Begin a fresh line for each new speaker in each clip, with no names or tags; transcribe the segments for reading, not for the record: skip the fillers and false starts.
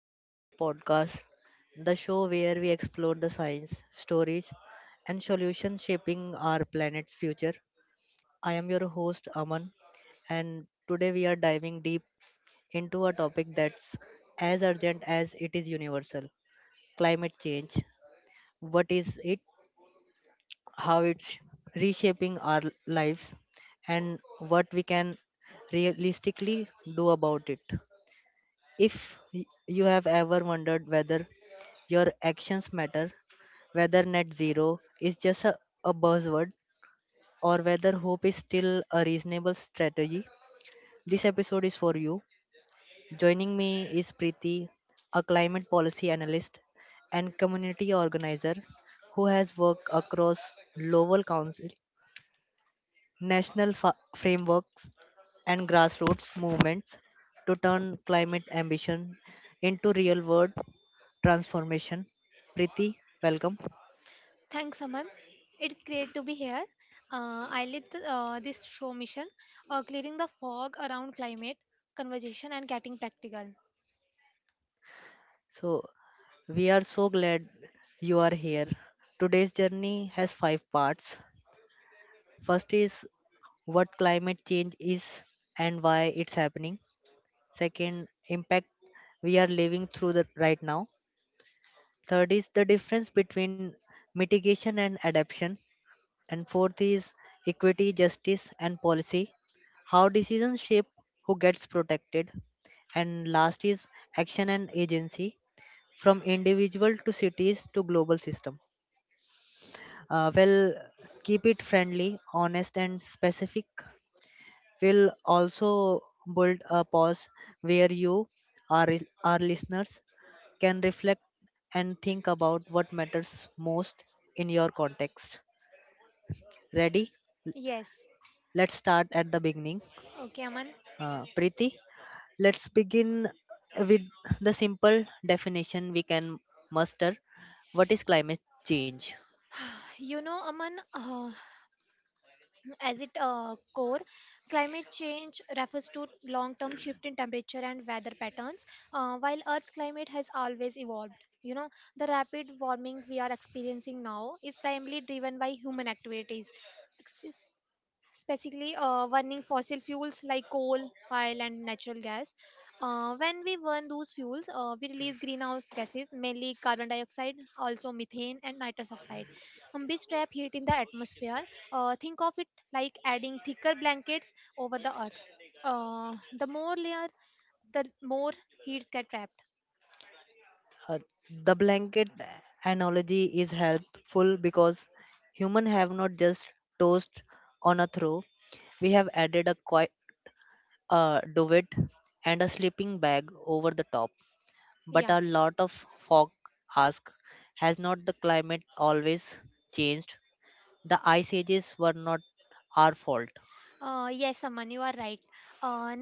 welcome to our podcast, the show where we explore the science, stories, and solutions shaping our planet's future. I am your host, Aman, and today we are diving deep into a topic that's as urgent as it is universal: climate change. What is it, how it's reshaping our lives, and what we can realistically do about it. If you have ever wondered whether your actions matter, whether net zero is just a buzzword, or whether hope is still a reasonable strategy, this episode is for you. Joining me is Preeti, a climate policy analyst and community organizer who has worked across local council, national frameworks, and grassroots movements to turn climate ambition into real world transformation. Priti, welcome.
Thanks, Aman. It's great to be here. I lead this show mission, clearing the fog around climate conversation and getting practical.
So, we are so glad you are here. Today's journey has five parts. First is what climate change is and why it's happening. Second, impact we are living through the right now. Third is the difference between mitigation and adaptation. And fourth is equity, justice, and policy. How decisions shape who gets protected. And last is action and agency from individual to cities to global system. Well, keep it friendly, honest, and specific. We'll also build a pause where you, our listeners, can reflect and think about what matters most in your context. Ready?
Yes.
Let's start at the beginning.
Okay, Aman.
Preeti, let's begin with the simple definition we can muster. What is climate change?
Aman, as it core, climate change refers to long-term shift in temperature and weather patterns, while Earth climate has always evolved. You know, the rapid warming we are experiencing now is primarily driven by human activities specifically burning fossil fuels like coal, oil, and natural gas. When we burn those fuels, we release greenhouse gases, mainly carbon dioxide, also methane and nitrous oxide, which trap heat in the atmosphere. Think of it like adding thicker blankets over the earth. The more layer, the more heats get trapped.
Uh, the blanket analogy is helpful because humans have not just tossed on a throw, we have added a quite a duvet and a sleeping bag over the top. But
Yeah.
a lot of folk ask, has not the climate always changed? The ice ages were not our fault.
Yes, Aman, you are right. Uh,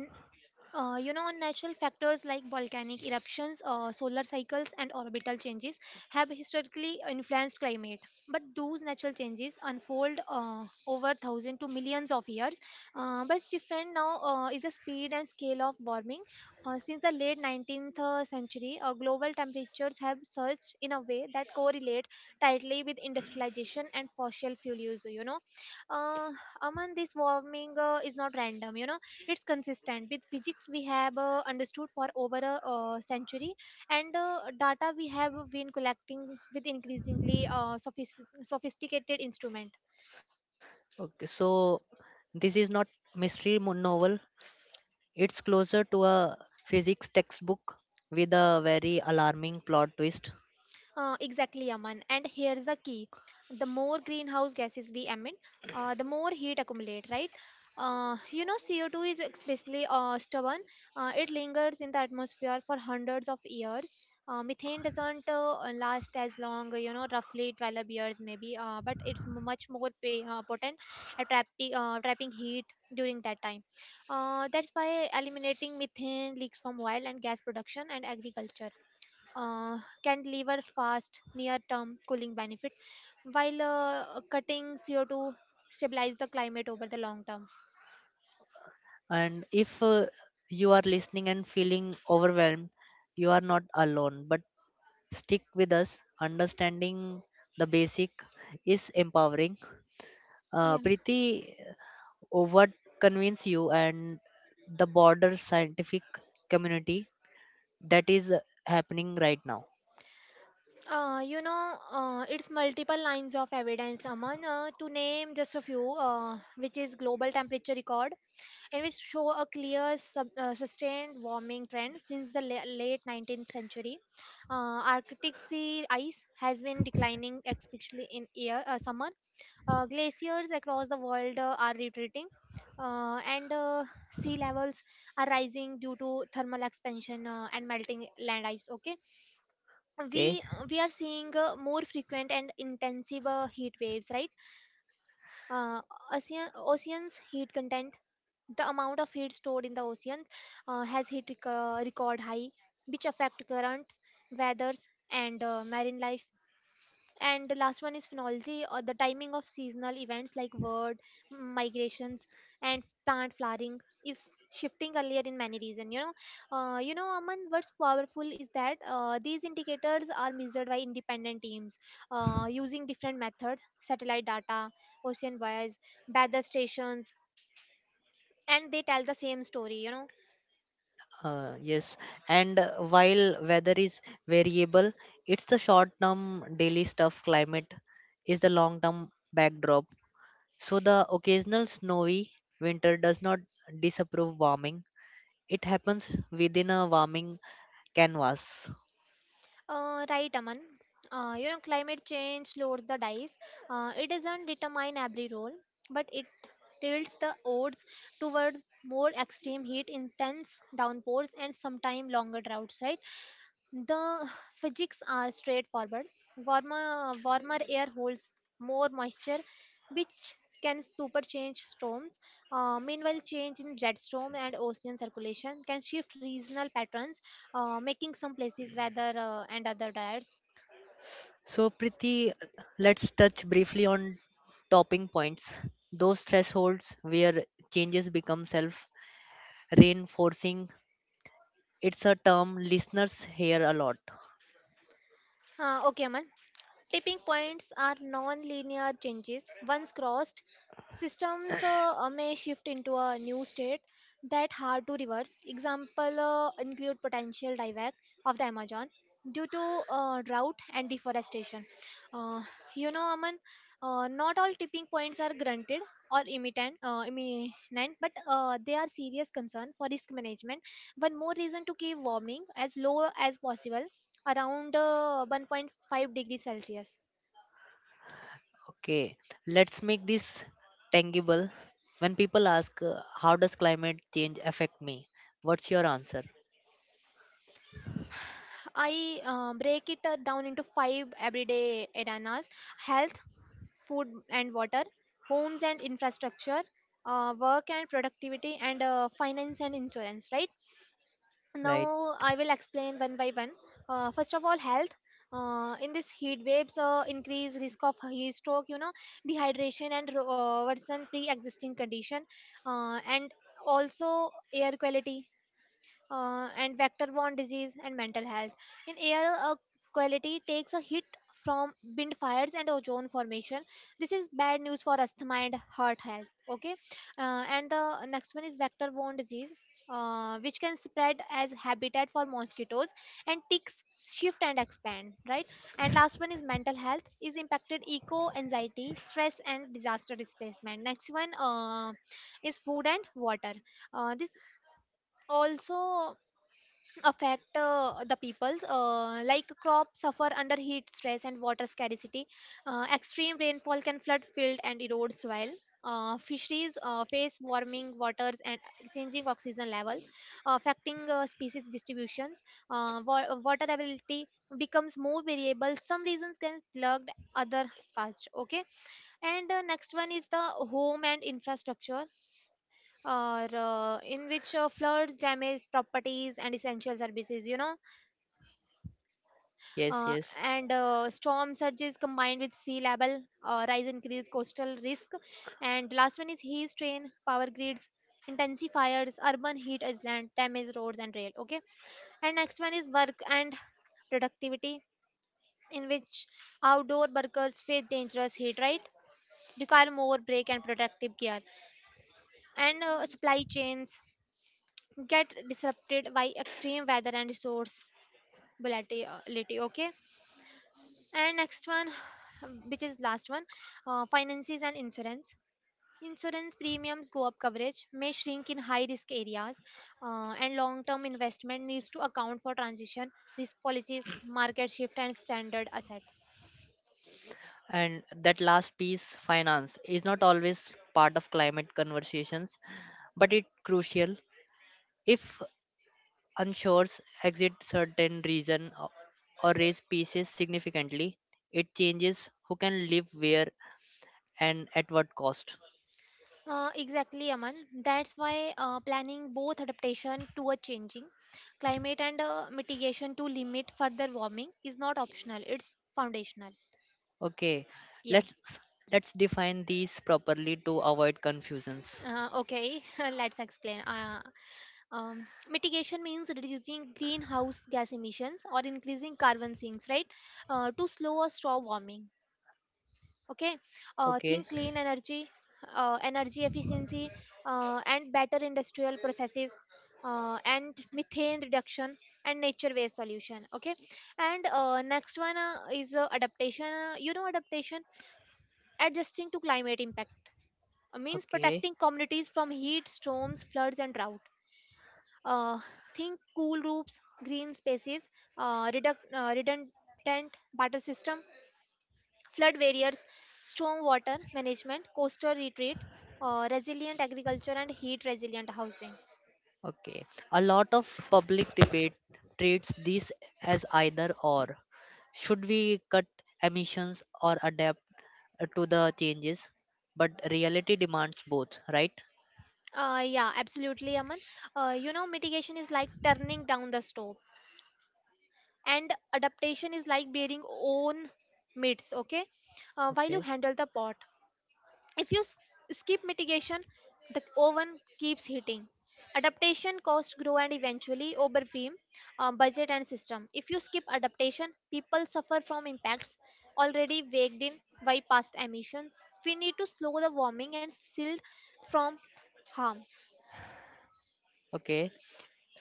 You know, natural factors like volcanic eruptions, solar cycles, and orbital changes have historically influenced climate. But those natural changes unfold over thousands to millions of years. But different now is the speed and scale of warming. Since the late 19th century, global temperatures have surged in a way that correlate tightly with industrialization and fossil fuel use. Uh, among this warming is not random. You know it's consistent with physics we have understood for over a century and data we have been collecting with increasingly sophisticated instrument.
Okay, so this is not mystery novel. It's closer to a physics textbook with a very alarming plot twist.
Exactly, Aman. And here's the key, the more greenhouse gases we emit, the more heat accumulate, right? You know, CO2 is especially stubborn. It lingers in the atmosphere for hundreds of years. Methane doesn't last as long, you know, roughly 12 years maybe, but it's much more potent at trapping heat during that time. That's why eliminating methane leaks from oil and gas production and agriculture can deliver fast near-term cooling benefit while cutting CO2 stabilize the climate over the long term.
And if you are listening and feeling overwhelmed, you are not alone. But stick with us. Understanding the basic is empowering.
Yeah,
Preeti, what convince you and the broader scientific community that is happening right now?
you know, it's multiple lines of evidence, Aman, to name just a few, which is global temperature record, and which show a clear sustained warming trend since the late 19th century. Arctic sea ice has been declining, especially in summer. Glaciers across the world are retreating, and sea levels are rising due to thermal expansion and melting land ice. Okay,
Okay.
we we are seeing more frequent and intensive heat waves. Right, uh, oceans heat content, the amount of heat stored in the oceans has hit record high, which affect currents, weathers, and marine life. And the last one is phenology, or the timing of seasonal events like word migrations and plant flowering is shifting earlier in many regions. Aman, what's powerful is that these indicators are measured by independent teams using different methods: satellite data, ocean wires, weather stations, and they tell the same story, you know.
Yes, and while weather is variable, it's the short term daily stuff, climate is the long term backdrop. So, the occasional snowy winter does not disapprove warming, it happens within a warming canvas.
Right, Aman. You know, climate change loads the dice. It doesn't determine every role, but it tilts the odds towards more extreme heat, intense downpours, and sometimes longer droughts, right? The physics are straightforward. Warmer air holds more moisture, which can super change storms. Meanwhile, change in jet storm and ocean circulation can shift regional patterns, making some places weather and other diets.
So, Priti, let's touch briefly on topping points, those thresholds where changes become self reinforcing. It's a term listeners hear a lot.
Okay, Aman. Tipping points are non-linear changes. Once crossed, systems may shift into a new state that hard to reverse. Example include potential dieback of the Amazon due to drought and deforestation. Uh, you know, Aman, not all tipping points are granted or imminent, but they are serious concern for risk management. One more reason to keep warming as low as possible, around 1.5 degrees celsius.
Okay, let's make this tangible. When people ask, How does climate change affect me? What's your answer?
I break it down into 5 everyday arenas: health, food and water, homes and infrastructure, work and productivity, and finance and insurance. Right,
Right?
now I will explain one by one. First of all, health. In this, heat waves increase risk of heat stroke, you know, dehydration, and worsen pre-existing condition, and also air quality, and vector borne disease and mental health. In air quality takes a hit from wind fires and ozone formation. This is bad news for asthma and heart health. Okay, and the next one is vector borne disease, which can spread as habitat for mosquitoes and ticks shift and expand. Right, and last one is mental health is impacted: eco anxiety, stress, and disaster displacement. Next one is food and water. This also affect the peoples, like crops suffer under heat stress and water scarcity. Extreme rainfall can flood field and erode soil. Fisheries face warming waters and changing oxygen level, affecting species distributions. Water availability becomes more variable, some regions can slug other parts. Okay, and next one is the home and infrastructure, or in which floods damage properties and essential services, you know,
Yes,
uh,
yes.
and storm surges combined with sea level rise increase coastal risk. And last one is heat strain power grids, intensifiers, urban heat island, damage roads and rail. Okay, and next one is work and productivity, in which outdoor workers face dangerous heat, right, require more break and protective gear, and supply chains get disrupted by extreme weather and resource volatility. Okay, and next one which is last one, finances and insurance. Insurance premiums go up, coverage may shrink in high risk areas, and long term investment needs to account for transition risk, policies, market shift, and standard asset.
And that last piece, finance, is not always part of climate conversations, but it's crucial. If unsures exit certain region or raise pieces significantly, it changes who can live where and at what cost.
Uh, exactly, Aman. That's why planning both adaptation to a changing climate and mitigation to limit further warming is not optional, it's foundational.
Okay,
Yeah.
let's let's define these properly to avoid confusions.
Okay, let's explain. Mitigation means reducing greenhouse gas emissions or increasing carbon sinks, right, to slow or stop warming. Okay,
Okay,
think clean energy, energy efficiency, and better industrial processes, and methane reduction, and nature waste solution. Okay, and next one is adaptation. You know, adaptation adjusting to climate impact means
okay,
protecting communities from heat, storms, floods, and drought. Uh, think cool roofs, green spaces, redundant water system, flood barriers, storm water management, coastal retreat, resilient agriculture, and heat resilient housing.
okay. A lot of public debate treats these as either or. Should we cut emissions or adapt to the changes? But reality demands both, right?
Yeah, absolutely, Aman. You know, mitigation is like turning down the stove, and adaptation is like bearing own meats. Okay, while you
Okay,
handle the pot. If you skip mitigation, the oven keeps heating. Adaptation costs grow and eventually overwhelm budget and system. If you skip adaptation, people suffer from impacts already baked in by past emissions. We need to slow the warming and shield from harm.
okay.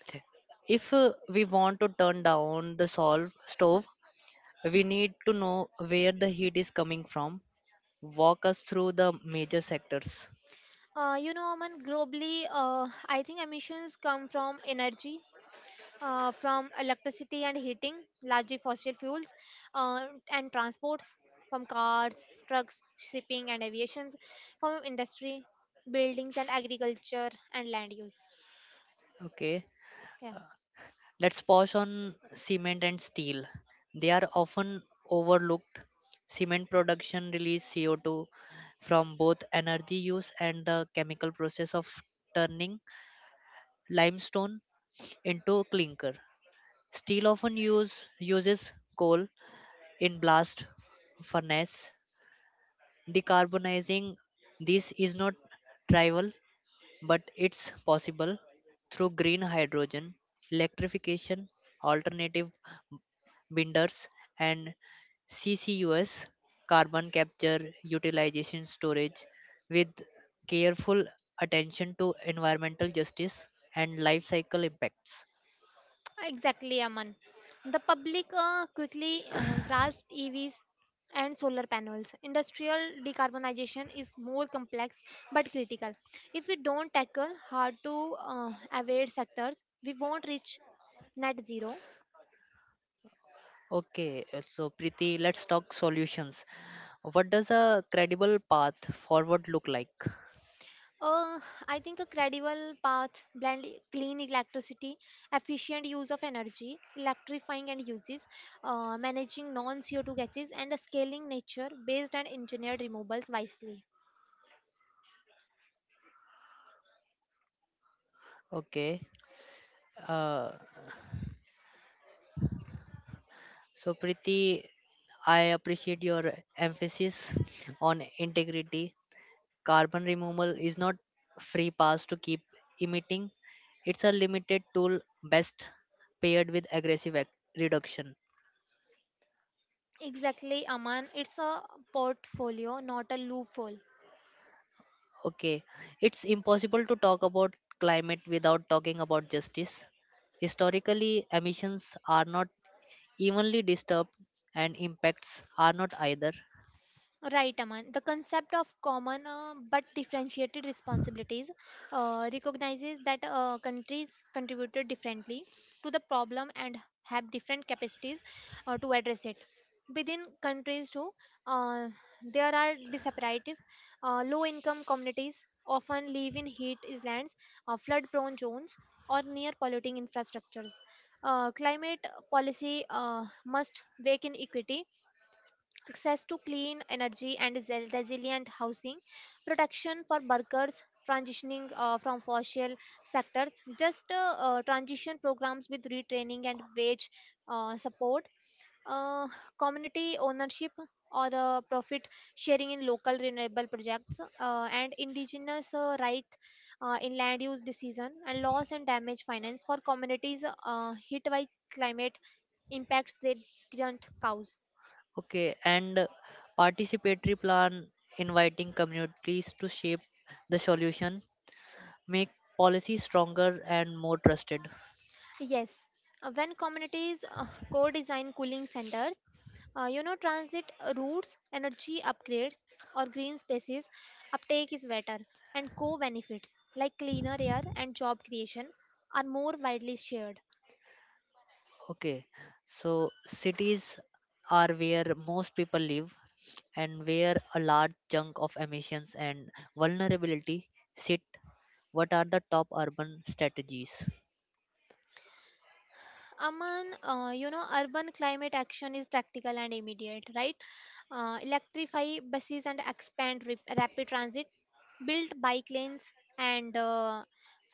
Th- If we want to turn down the solve stove, we need to know where the heat is coming from. Walk us through the major sectors.
You know, Aman, globally, I think emissions come from energy, from electricity and heating, largely fossil fuels, uh, and transports from cars, trucks, shipping, and aviations, from industry, buildings, and agriculture and land use.
Okay,
Yeah,
let's pause on cement and steel. They are often overlooked. Cement production releases CO2 from both energy use and the chemical process of turning limestone into clinker. Steel uses coal in blast furnace. Decarbonizing this is not trivial, but it's possible through green hydrogen, electrification, alternative binders, and CCUS carbon capture utilization storage with careful attention to environmental justice and life cycle impacts.
exactly, Aman. The public quickly grasped EVs and solar panels. Industrial decarbonization is more complex but critical. If we don't tackle hard to abate sectors, we won't reach net zero.
Okay, so Preeti, let's talk solutions. What does a credible path forward look like?
Uh, I think a credible path, blend clean electricity, efficient use of energy, electrifying and uses, managing non-CO2 gases, and scaling nature-based and engineered removals wisely.
Okay. Uh, so, Priti, I appreciate your emphasis on integrity. Carbon removal is not free pass to keep emitting. It's a limited tool best paired with aggressive reduction.
Exactly, Aman. It's a portfolio, not a loophole.
Okay, it's impossible to talk about climate without talking about justice. Historically, emissions are not evenly disturbed and impacts are not either.
Right, Aman. The concept of common but differentiated responsibilities recognizes that countries contributed differently to the problem and have different capacities to address it. Within countries, too, uh, there are disparities. Low income communities often live in heat islands, flood prone zones, or near polluting infrastructures. Climate policy must wake in equity, access to clean energy and resilient housing, protection for workers transitioning from fossil sectors, just transition programs with retraining and wage support, uh, community ownership or profit sharing in local renewable projects, and indigenous rights in land use decision, and loss and damage finance for communities hit by climate impacts they didn't cause.
Okay, and participatory plan inviting communities to shape the solution, make policy stronger and more trusted.
Yes, when communities co-design cooling centers, you know, transit routes, energy upgrades, or green spaces, uptake is better, and co-benefits like cleaner air and job creation are more widely shared.
Okay, so cities are where most people live and where a large chunk of emissions and vulnerability sit. What are the top urban strategies?
Aman, you know, urban climate action is practical and immediate, right? Electrify buses and expand rapid transit, build bike lanes and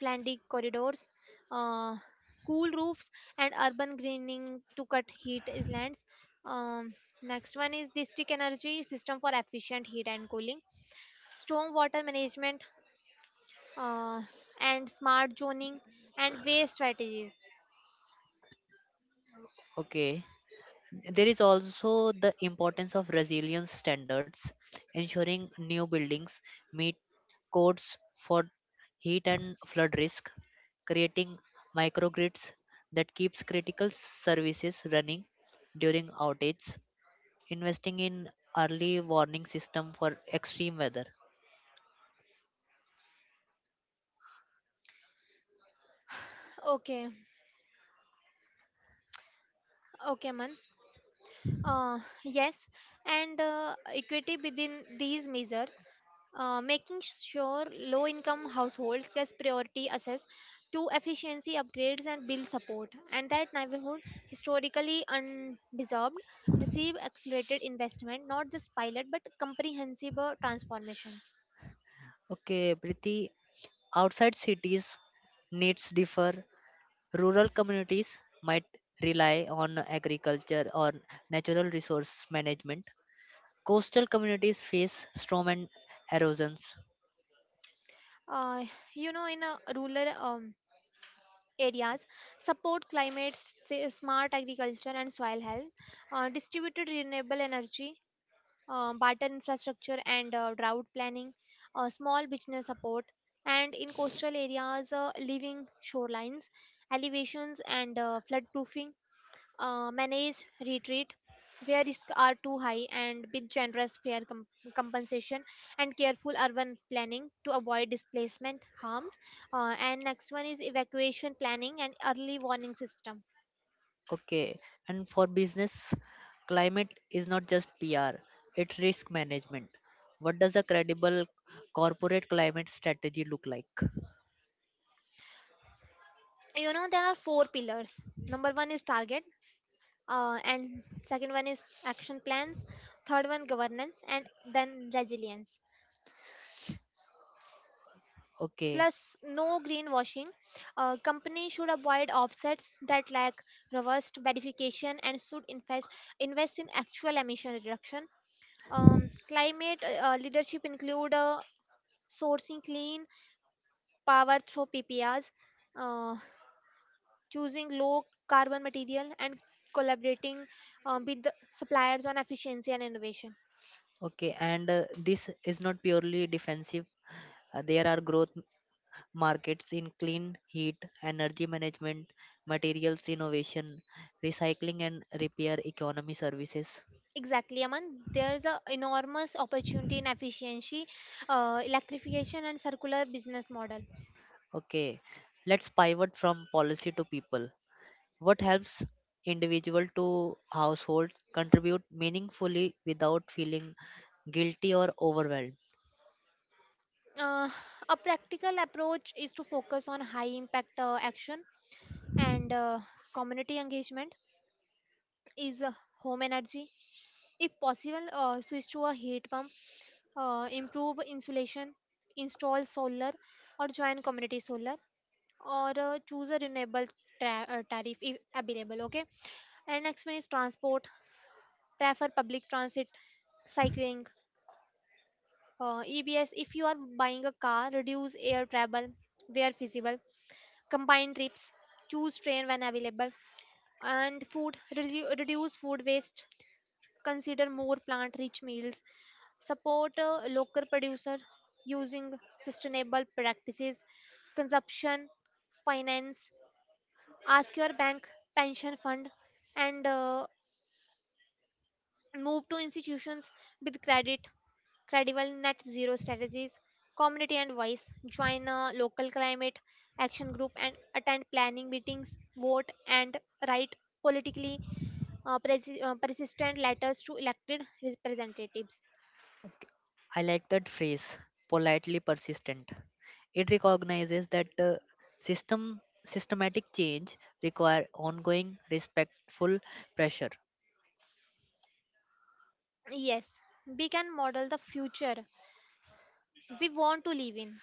flandy corridors, uh, cool roofs, and urban greening to cut heat islands. Um, Next one is district energy system for efficient heat and cooling, storm water management, uh, and smart zoning and waste strategies.
Okay, there is also the importance of resilience standards, ensuring new buildings meet codes for heat and flood risk, creating microgrids that keeps critical services running during outages, investing in early warning system for extreme weather.
Okay, okay, man. Yes, and equity within these measures, making sure low income households get priority access to efficiency upgrades and bill support, and that neighborhood historically undeserved receive accelerated investment, not just pilot but comprehensive transformations.
Okay, Priti, outside cities needs differ. Rural communities might rely on agriculture or natural resource management. Coastal communities face storm and erosions.
Uh, in rural areas, support climate, smart agriculture, and soil health, distributed renewable energy, barter infrastructure and drought planning, small business support, and in coastal areas, living shorelines, elevations, and flood proofing, manage retreat where risks are too high and with generous fair compensation and careful urban planning to avoid displacement harms. And next one is evacuation planning and early warning system.
Okay, and for business, climate is not just PR, it's risk management. What does a credible corporate climate strategy look like?
You know, there are four pillars. Number one is target, and second one is action plans, third one governance, and then resilience
Okay,
plus no greenwashing. Companies should avoid offsets that lack robust verification and should invest in actual emission reduction. Climate leadership include sourcing clean power through pprs, uh, choosing low carbon material and collaborating with the suppliers on efficiency and innovation.
okay, and this is not purely defensive. There are growth markets in clean heat, energy management, materials innovation, recycling and repair economy services.
Exactly, Aman. There's a enormous opportunity in efficiency, electrification, and circular business model.
Okay, let's pivot from policy to people. What helps individual to household contribute meaningfully without feeling guilty or overwhelmed?
Uh, a practical approach is to focus on high impact action, and community engagement is home energy. If possible, switch to a heat pump, improve insulation, install solar, or join community solar, or choose a renewable tariff if available. Okay, and next one is transport. Prefer public transit, cycling, EBS. If you are buying a car, reduce air travel where feasible. Combine trips, choose train when available. And food, reduce food waste. Consider more plant-rich meals. Support local producer using sustainable practices. Consumption, finance. Ask your bank, pension fund, and move to institutions with credit credible net zero strategies, community and voice. Join a local climate action group and attend planning meetings, vote and write politically persistent letters to elected representatives.
I like that phrase, politely persistent. It recognizes that systematic change require ongoing respectful pressure.
Yes, we can model the future we want to live in.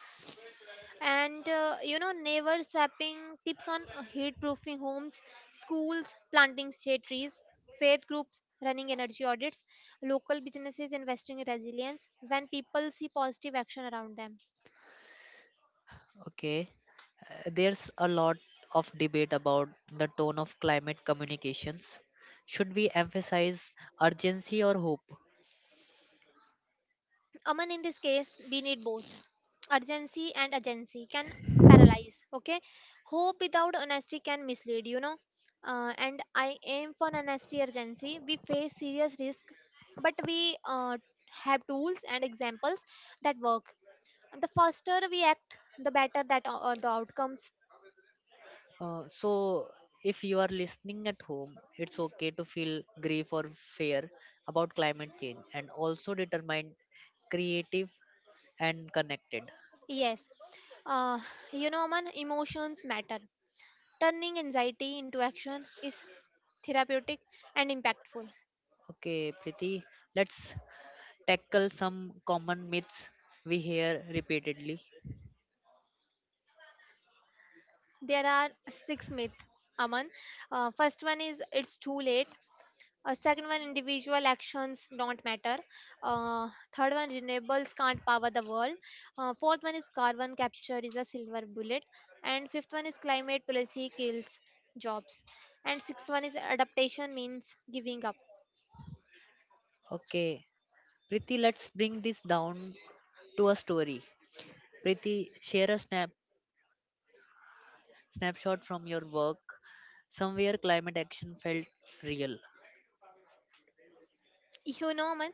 And neighbor swapping tips on heat proofing homes, schools planting shade trees, faith groups running energy audits, local businesses investing in resilience when people see positive action around them.
Okay, there's a lot of debate about the tone of climate communications. Should we emphasize urgency or hope?
Aman, in this case, we need both. Urgency and agency can paralyze. Okay, hope without honesty can mislead. And I aim for honesty, urgency. We face serious risk, but we have tools and examples that work. The faster we act, the better that the outcomes.
So, if you are listening at home, it's okay to feel grief or fear about climate change and also determine creative and connected.
Yes, uh, Aman, emotions matter. Turning anxiety into action is therapeutic and impactful.
Okay, Priti, let's tackle some common myths we hear repeatedly.
There are six myths, Aman. First one is it's too late. Second one, individual actions don't matter. Uh, Third one, renewables can't power the world. Fourth one is carbon capture is a silver bullet. And fifth one is climate policy kills jobs. And sixth one is adaptation means giving up.
Okay, Priti, let's bring this down to a story. Preeti, share a snapshot from your work somewhere climate action felt real.
You know, man,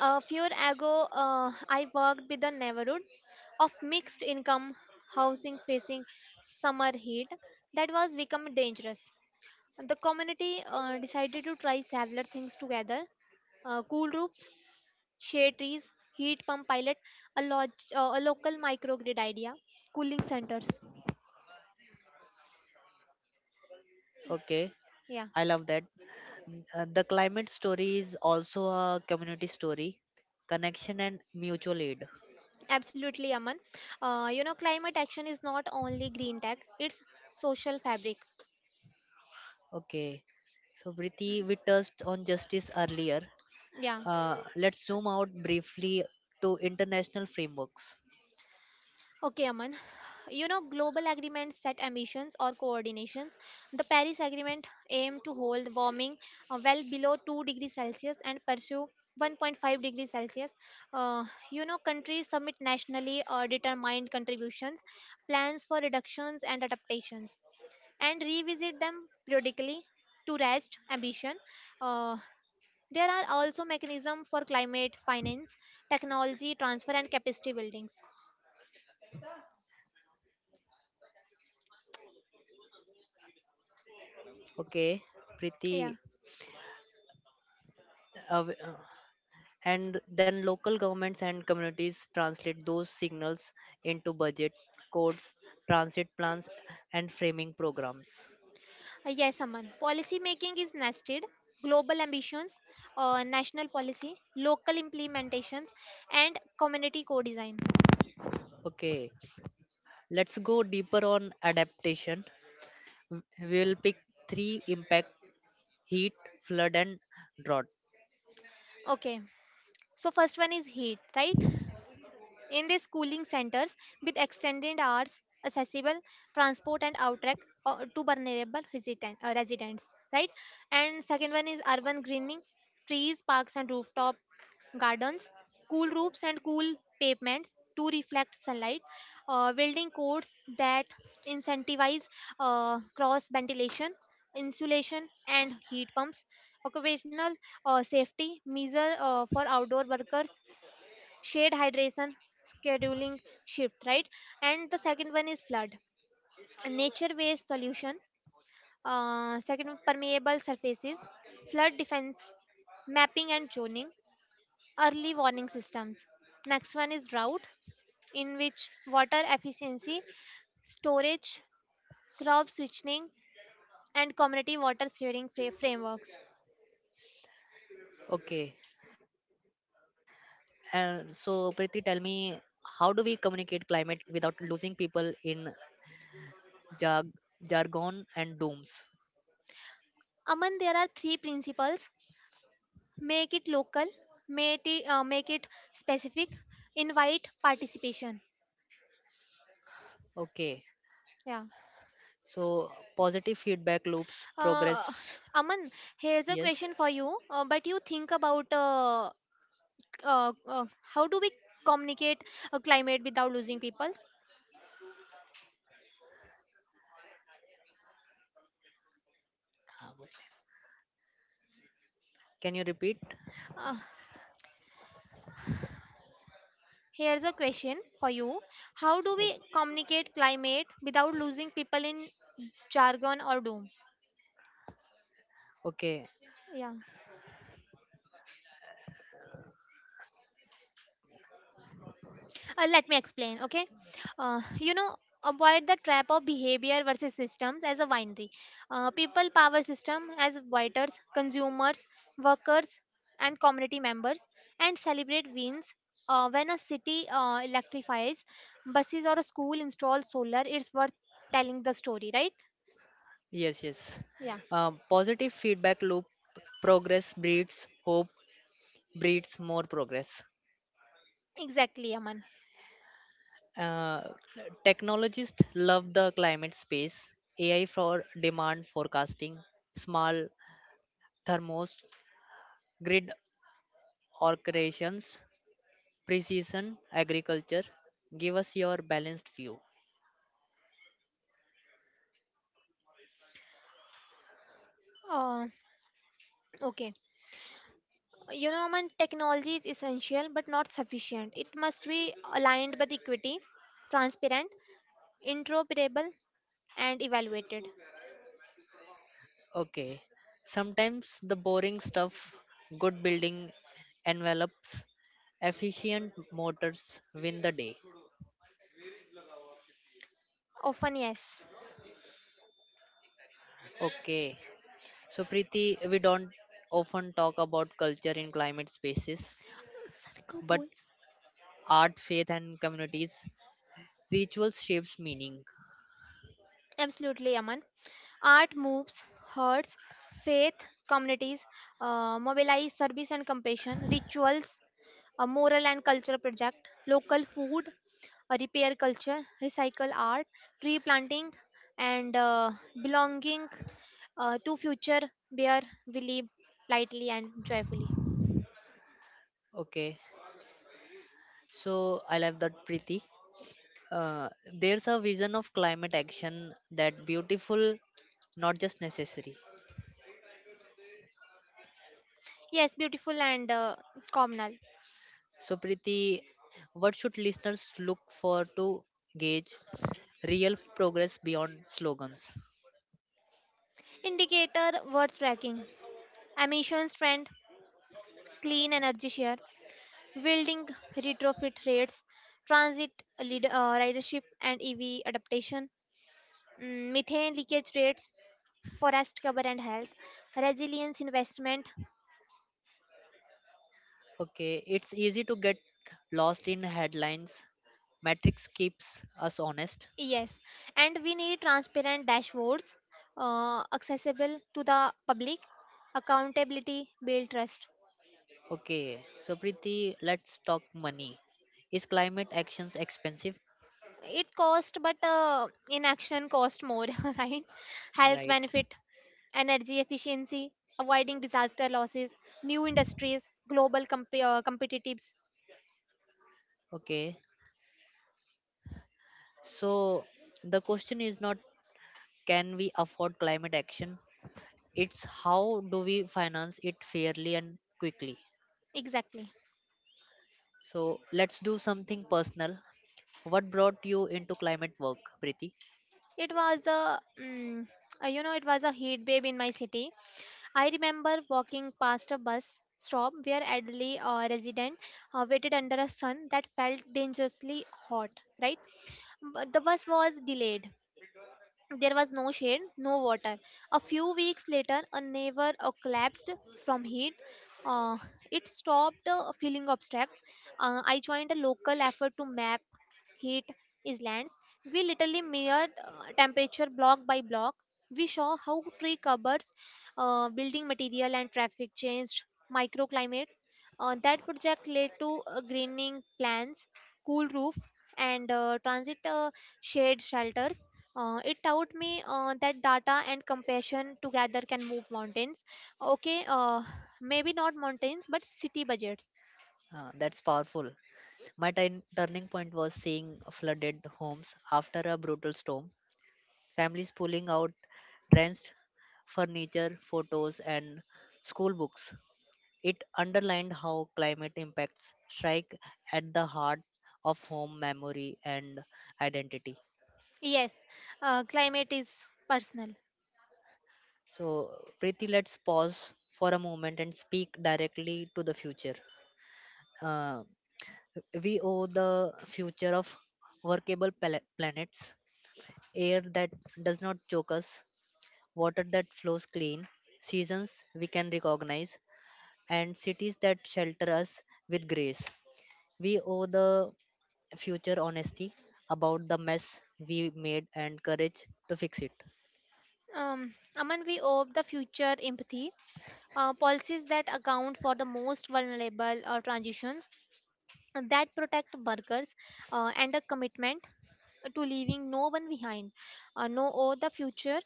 a few ago, I worked with a neighborhood of mixed income housing facing summer heat that was becoming dangerous. The community decided to try several things together: cool roofs, shade trees, heat pump pilot, a, log- a local microgrid idea, cooling centers.
Okay,
It's— Yeah,
I love that. Mm, the climate story is also a community story, connection and mutual aid.
absolutely, Aman. Climate action is not only green tech, it's social fabric.
Okay, so Preeti, we touched on justice earlier.
Yeah.
Let's zoom out briefly to international frameworks.
Okay, Aman. You know, global agreements set ambitions or coordinations. The Paris Agreement aimed to hold warming well below 2 degrees Celsius and pursue 1.5 degrees Celsius. Uh, Countries submit nationally or determined contributions, plans for reductions and adaptations, and revisit them periodically to raise ambition. Uh, there are also mechanisms for climate finance, technology transfer, and capacity buildings.
Okay, Preeti,
Yeah.
uh, and then local governments and communities translate those signals into budget codes, transit plans, and framing programs.
Yes, Aman. Policy making is nested. Global ambitions, national policy, local implementations, and community co design.
Okay, let's go deeper on adaptation. W- we will pick three impact: heat, flood, and drought.
Okay, so first one is heat, right? In these schooling centers with extended hours, accessible transport and outreach to vulnerable residents, right? And second one is urban greening, trees, parks and rooftop gardens, cool roofs and cool pavements to reflect sunlight, building codes that incentivize cross ventilation, insulation, and heat pumps, occupational safety measure for outdoor workers, shade hydration scheduling shift, right. And the second one is flood, nature based solution. Second one, permeable surfaces, flood defense, mapping and zoning, early warning systems. Next one is drought, in which water efficiency, storage, crop switching, and community water sharing frameworks.
Okay, and so Priti tell me, how do we communicate climate without losing people in jag- jargon and dooms?
Aman, there are three principles. Make it local, make it specific, invite participation.
Okay.
Yeah.
So positive feedback loops
Uh,
progress.
Aman, here's a
Yes.
question for you. But you think about how do we communicate climate without losing people?
Can you repeat?
Uh, Here's a question for you. How do we communicate climate without losing people in jargon or doom?
Okay.
Yeah. Let me explain. Okay, uh, you know avoid the trap of behavior versus systems as a winery. People power system as waiters, consumers, workers and community members, and celebrate wins when a city electrifies buses or a school installs solar. It's worth telling the story, right.
Yes, yes.
Yeah,
Positive feedback loop, progress breeds hope, breeds more progress.
exactly, Aman.
Uh, technologists love the climate space, AI for demand forecasting, small thermos, grid orchestrations, precision agriculture. Give us your balanced view.
uh, okay Aman, technology is essential but not sufficient. It must be aligned with equity, transparent, interoperable, and evaluated.
Okay. Sometimes the boring stuff, good building envelopes, efficient motors win the day.
Often yes.
Okay. So, Preeti, we don't often talk about culture in climate spaces,
Sarko
but
Bowles.
art, faith, and communities, rituals shapes meaning.
Absolutely, Aman. Art moves hearts, faith communities mobilize service and compassion rituals, a moral and cultural project, local food, a repair culture, recycle art, tree planting, and belonging to future where we live lightly and joyfully.
Okay. So, I love that, Preeti. Uh, there's a vision of climate action that beautiful, not just necessary.
Yes, beautiful and communal.
So, Preeti, what should listeners look for to gauge real progress beyond slogans?
Indicator worth tracking: emissions trend, clean energy share, building retrofit rates, transit lead, uh, ridership and EV adaptation, methane leakage rates, forest cover and health, resilience investment.
Okay, it's easy to get lost in headlines. Metrics keeps us honest.
Yes, and we need transparent dashboards accessible to the public, accountability, build trust.
Okay, so Preeti, let's talk money. Is climate actions expensive?
It cost, but inaction cost more. Right, health
Right.
benefit, energy efficiency, avoiding disaster losses, new industries, global competitives.
Okay. So the question is not, can we afford climate action? It's how do we finance it fairly and quickly.
Exactly.
So let's do something personal. What brought you into climate work, Preeti?
It was a it was a heat wave in my city. I remember walking past a bus stop where elderly resident waited under a sun that felt dangerously hot, right. But the bus was delayed. There was no shade, no water. A few weeks later, a neighbor collapsed from heat. Uh, it stopped feeling abstract. I joined a local effort to map heat islands. We literally measured temperature block by block. We saw how tree covers, building material, and traffic changed microclimate. That project led to greening plans, cool roof, and transit shade shelters. It taught me that data and compassion together can move mountains. Okay, maybe not mountains, but city budgets.
That's powerful. My turning point was seeing flooded homes after a brutal storm, families pulling out drenched furniture, photos, and school books. It underlined how climate impacts strike at the heart of home memory and identity.
Yes, climate is personal.
So, Preeti, let's pause for a moment and speak directly to the future. Uh, We owe the future of workable planets, air that does not choke us, water that flows clean, seasons we can recognize, and cities that shelter us with grace. We owe the future honesty about the mess we made and courage to fix it.
Aman, we owe the future empathy, policies that account for the most vulnerable transitions, that protect workers, and a commitment to leaving no one behind. No, oh, The future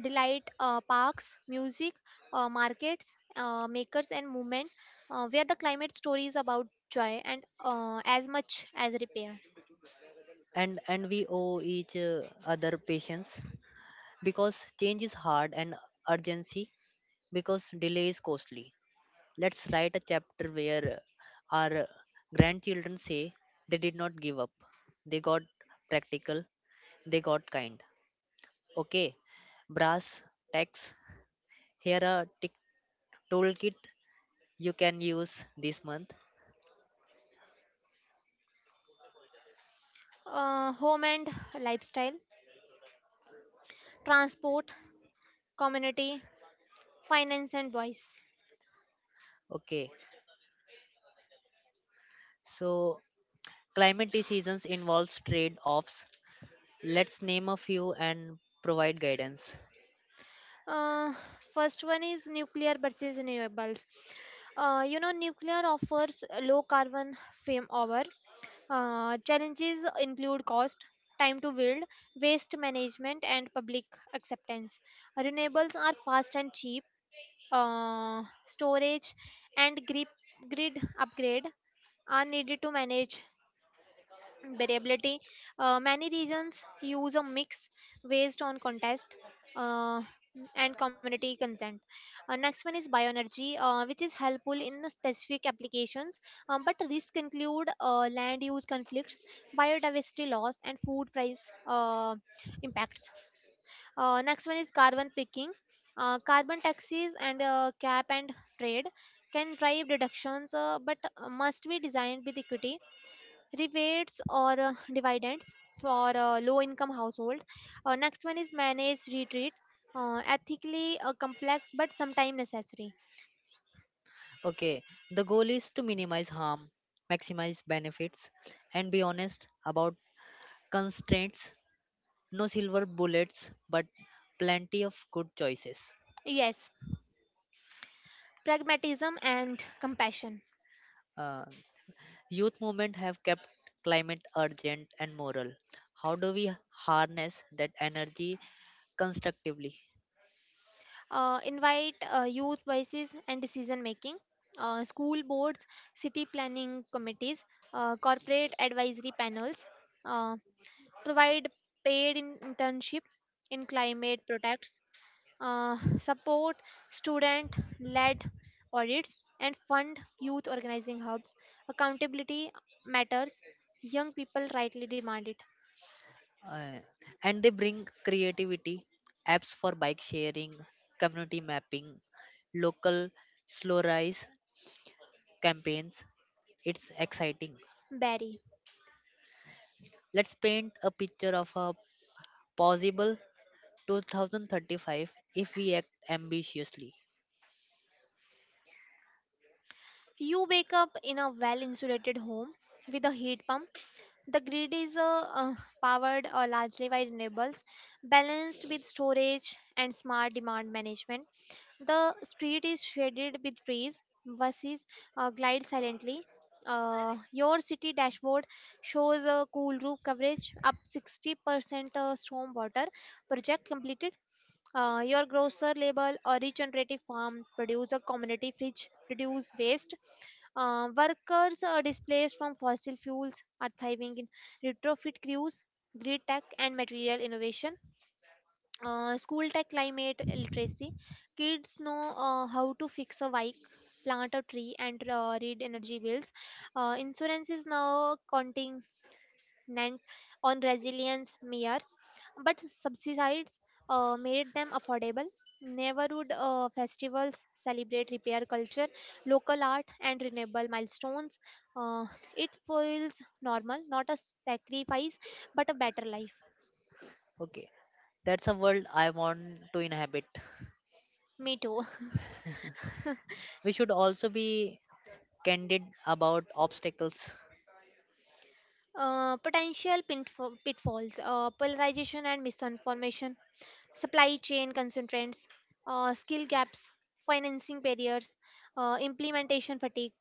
delight, parks, music, markets, makers, and movement, where the climate story is about joy and as much as repair.
And we owe each other patience because change is hard, and urgency because delay is costly. Let's write a chapter where our grandchildren say they did not give up. They got practical, they got kind. Okay, brass tacks. Here a tick toolkit you can use this month.
Home and lifestyle, transport, community, finance, and voice.
Okay, so climate decisions involves trade offs. Let's name a few and provide guidance.
Uh, First one is nuclear versus renewables. Nuclear offers low carbon fame over. Challenges include cost, time to build, waste management, and public acceptance. Renewables are fast and cheap. Storage and grid upgrade are needed to manage variability. Many regions use a mix based on contest uh, and community consent. Next one is bioenergy, which is helpful in specific applications, but risks include land use conflicts, biodiversity loss, and food price impacts. Next one is carbon picking. Carbon taxes and cap and trade can drive reductions, but must be designed with equity, rebates or dividends for low income households. Next one is managed retreat, ethically complex but sometimes necessary.
Okay, the goal is to minimize harm, maximize benefits, and be honest about constraints. No silver bullets, but plenty of good choices.
Yes, pragmatism and compassion.
Uh, youth movement have kept climate urgent and moral. How do we harness that energy constructively?
Invite youth voices and decision making. School boards, city planning committees, corporate advisory panels, uh, provide paid internship in climate products, support student led audits and fund youth organizing hubs. Accountability matters. Young people rightly demand it.
Uh, and they bring creativity, apps for bike sharing, community mapping, local slow rise campaigns. It's exciting.
Barry.
Let's paint a picture of a possible 2035 if we act ambitiously.
You wake up in a well insulated home with a heat pump. The grid is powered largely by renewables, balanced with storage and smart demand management. The street is shaded with trees. Buses glide silently. Your city dashboard shows a cool roof coverage up 60% storm water project completed. Your grocer label a regenerative farm produce a community fridge reduce waste. Workers displaced from fossil fuels are thriving in retrofit crews, grid tech, and material innovation. School tech climate literacy, kids know how to fix a bike, plant a tree, and read energy bills. Insurance is now continent on resilience mere, but subsidies made them affordable. Neighborhood festivals celebrate repair culture, local art, and renewable milestones. uh, it feels normal, not a sacrifice but a better life.
Okay, that's a world I want to inhabit.
Me too.
We should also be candid about obstacles.
Potential pitfalls, polarization and misinformation, supply chain constraints, skill gaps, financing barriers, implementation fatigue.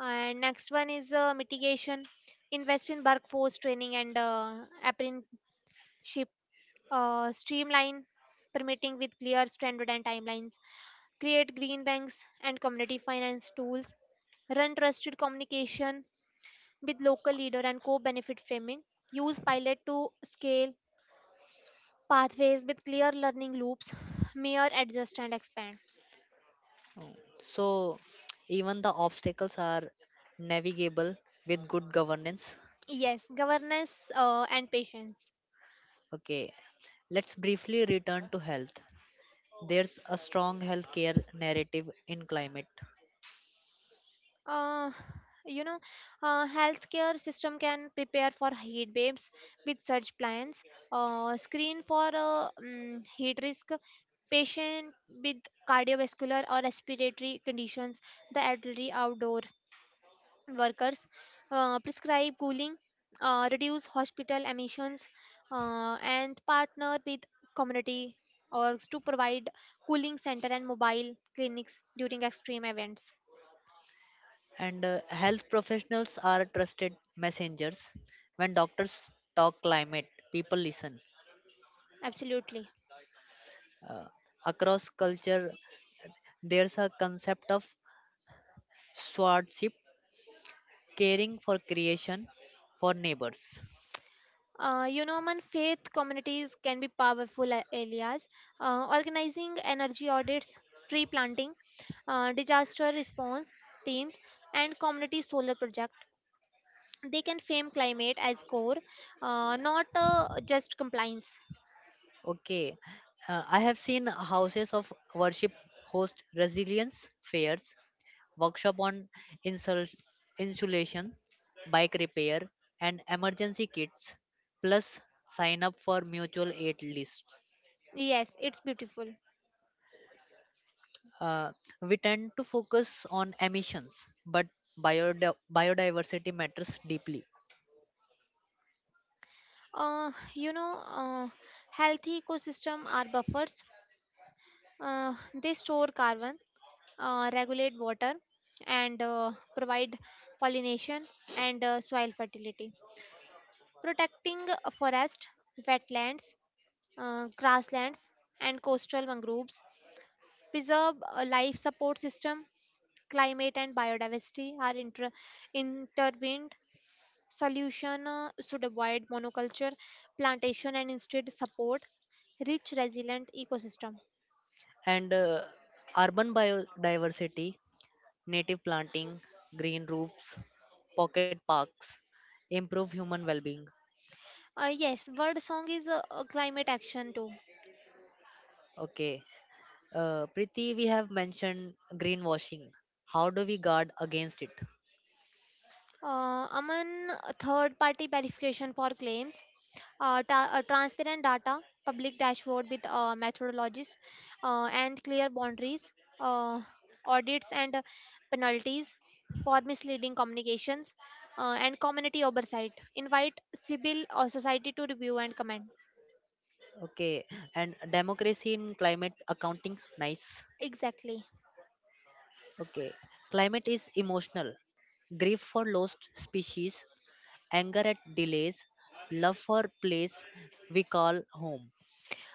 And next one is mitigation, invest in workforce training and apprenticeship, streamline permitting with clear standard and timelines, create green banks and community finance tools, run trusted communication with local leader and co-benefit framing, use pilot to scale pathways with clear learning loops, mirror, adjust, and expand.
So, even the obstacles are navigable with good governance.
Yes, governance and patience.
Okay, let's briefly return to health. There's a strong healthcare narrative in climate,
Uh, you know, Healthcare system can prepare for heat waves with such plans, screen for heat risk, patient with cardiovascular or respiratory conditions, the elderly outdoor workers, prescribe cooling, reduce hospital emissions, and partner with community orgs to provide cooling center and mobile clinics during extreme events.
and health professionals are trusted messengers. When doctors talk climate, people listen.
Absolutely.
Uh, across culture, there's a concept of swordship, caring for creation, for neighbors.
Man, faith communities can be powerful areas. Organizing energy audits, tree planting, disaster response teams, and community solar project, they can frame climate as core, not just compliance.
Okay, I have seen houses of worship host resilience fairs, workshop on insul- insulation, bike repair, and emergency kits, plus sign up for mutual aid lists.
Yes, it's beautiful.
Uh, we tend to focus on emissions, but biodiversity matters deeply.
Uh, you know, uh, Healthy ecosystem are buffers. Uh, they store carbon, regulate water, and provide pollination and soil fertility. Protecting a forest, wetlands, grasslands, and coastal mangroves preserve a life support system. Climate and biodiversity are intervened solution should avoid monoculture plantation and instead support rich resilient ecosystem.
And urban biodiversity, native planting, green roofs, pocket parks, improve human well-being.
Yes, word song is a climate action too.
Okay, Priti, we have mentioned greenwashing. How do we guard against it?
Among third party verification for claims, transparent data, public dashboard with methodologies, and clear boundaries, uh, audits and penalties for misleading communications, and community oversight. Invite civil society to review and comment.
Okay, and democracy in climate accounting, nice.
Exactly.
Okay, climate is emotional. Grief for lost species, anger at delays, love for place we call home.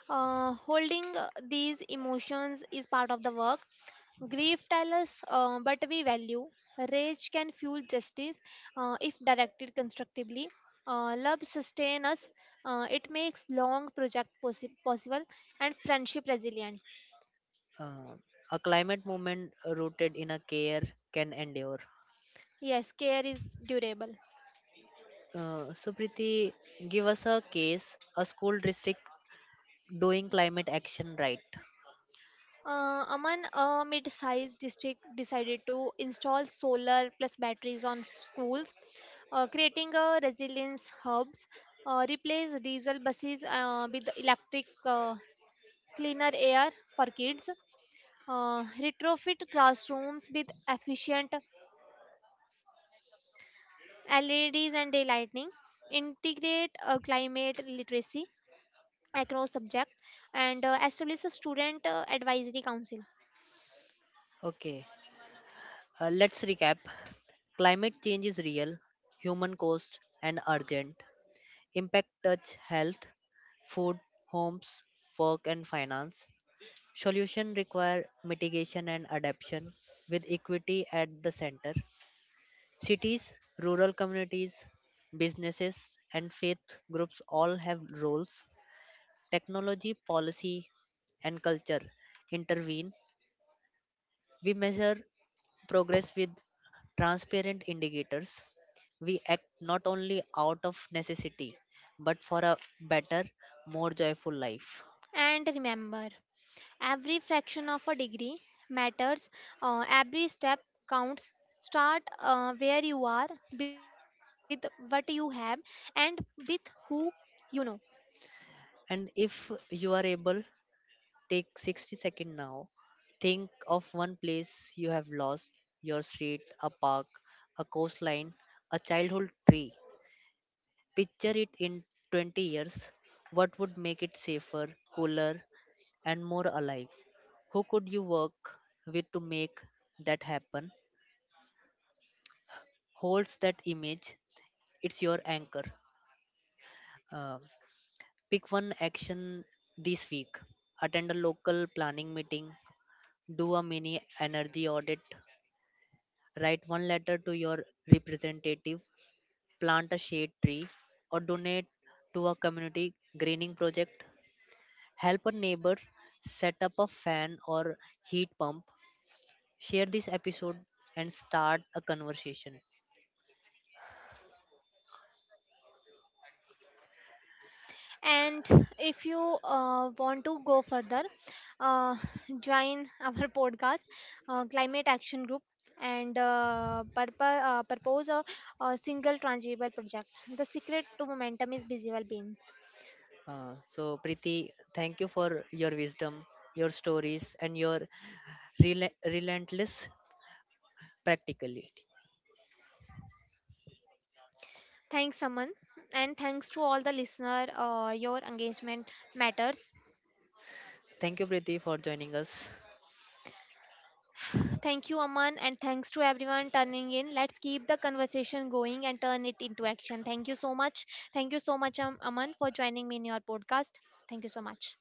Holding these emotions is part of the work. Grief tells us but we value. Rage can fuel justice if directed constructively. Love sustains us. It makes long project possible, and friendship resilient.
Uh, a climate movement rooted in a care can endure.
Yes, care is durable.
Supriti, give us a case, a school district doing climate action right.
Aman, a mid-sized district decided to install solar plus batteries on schools, creating a resilience hubs, replace diesel buses with electric, cleaner air for kids, retrofit classrooms with efficient LEDs and daylighting, integrate climate literacy across subjects, and establish a student advisory council.
Okay, let's recap. Climate change is real, human caused, and urgent. Impact touch health, food, homes, work, and finance. Solution require mitigation and adaptation with equity at the center. Cities, rural communities, businesses, and faith groups all have roles. Technology, policy, and culture intervene. We measure progress with transparent indicators. We act not only out of necessity, but for a better, more joyful life.
And remember, every fraction of a degree matters. Every step counts. Start where you are, with what you have, and with who you know.
And if you are able, take 60 seconds now. Think of one place you have lost, your street, a park, a coastline, a childhood tree. Picture it in 20 years. What would make it safer, cooler, and more alive. Who could you work with to make that happen? Holds that image, it's your anchor. Uh, pick one action this week. Attend a local planning meeting, do a mini energy audit, write one letter to your representative, plant a shade tree, or donate to a community greening project. Help a neighbor set up a fan or heat pump, share this episode and start a conversation.
And if you want to go further, uh, join our podcast, Climate Action Group, and propose a single tangible project. The secret to momentum is visible beans.
So, Preeti, thank you for your wisdom, your stories, and your relentless practicality.
Thanks, Aman, and thanks to all the listener. Your engagement matters.
Thank you, Preeti, for joining us.
Thank you, Aman, and thanks to everyone turning in. Let's keep the conversation going and turn it into action. Thank you so much. Thank you so much, Aman, for joining me in your podcast. Thank you so much.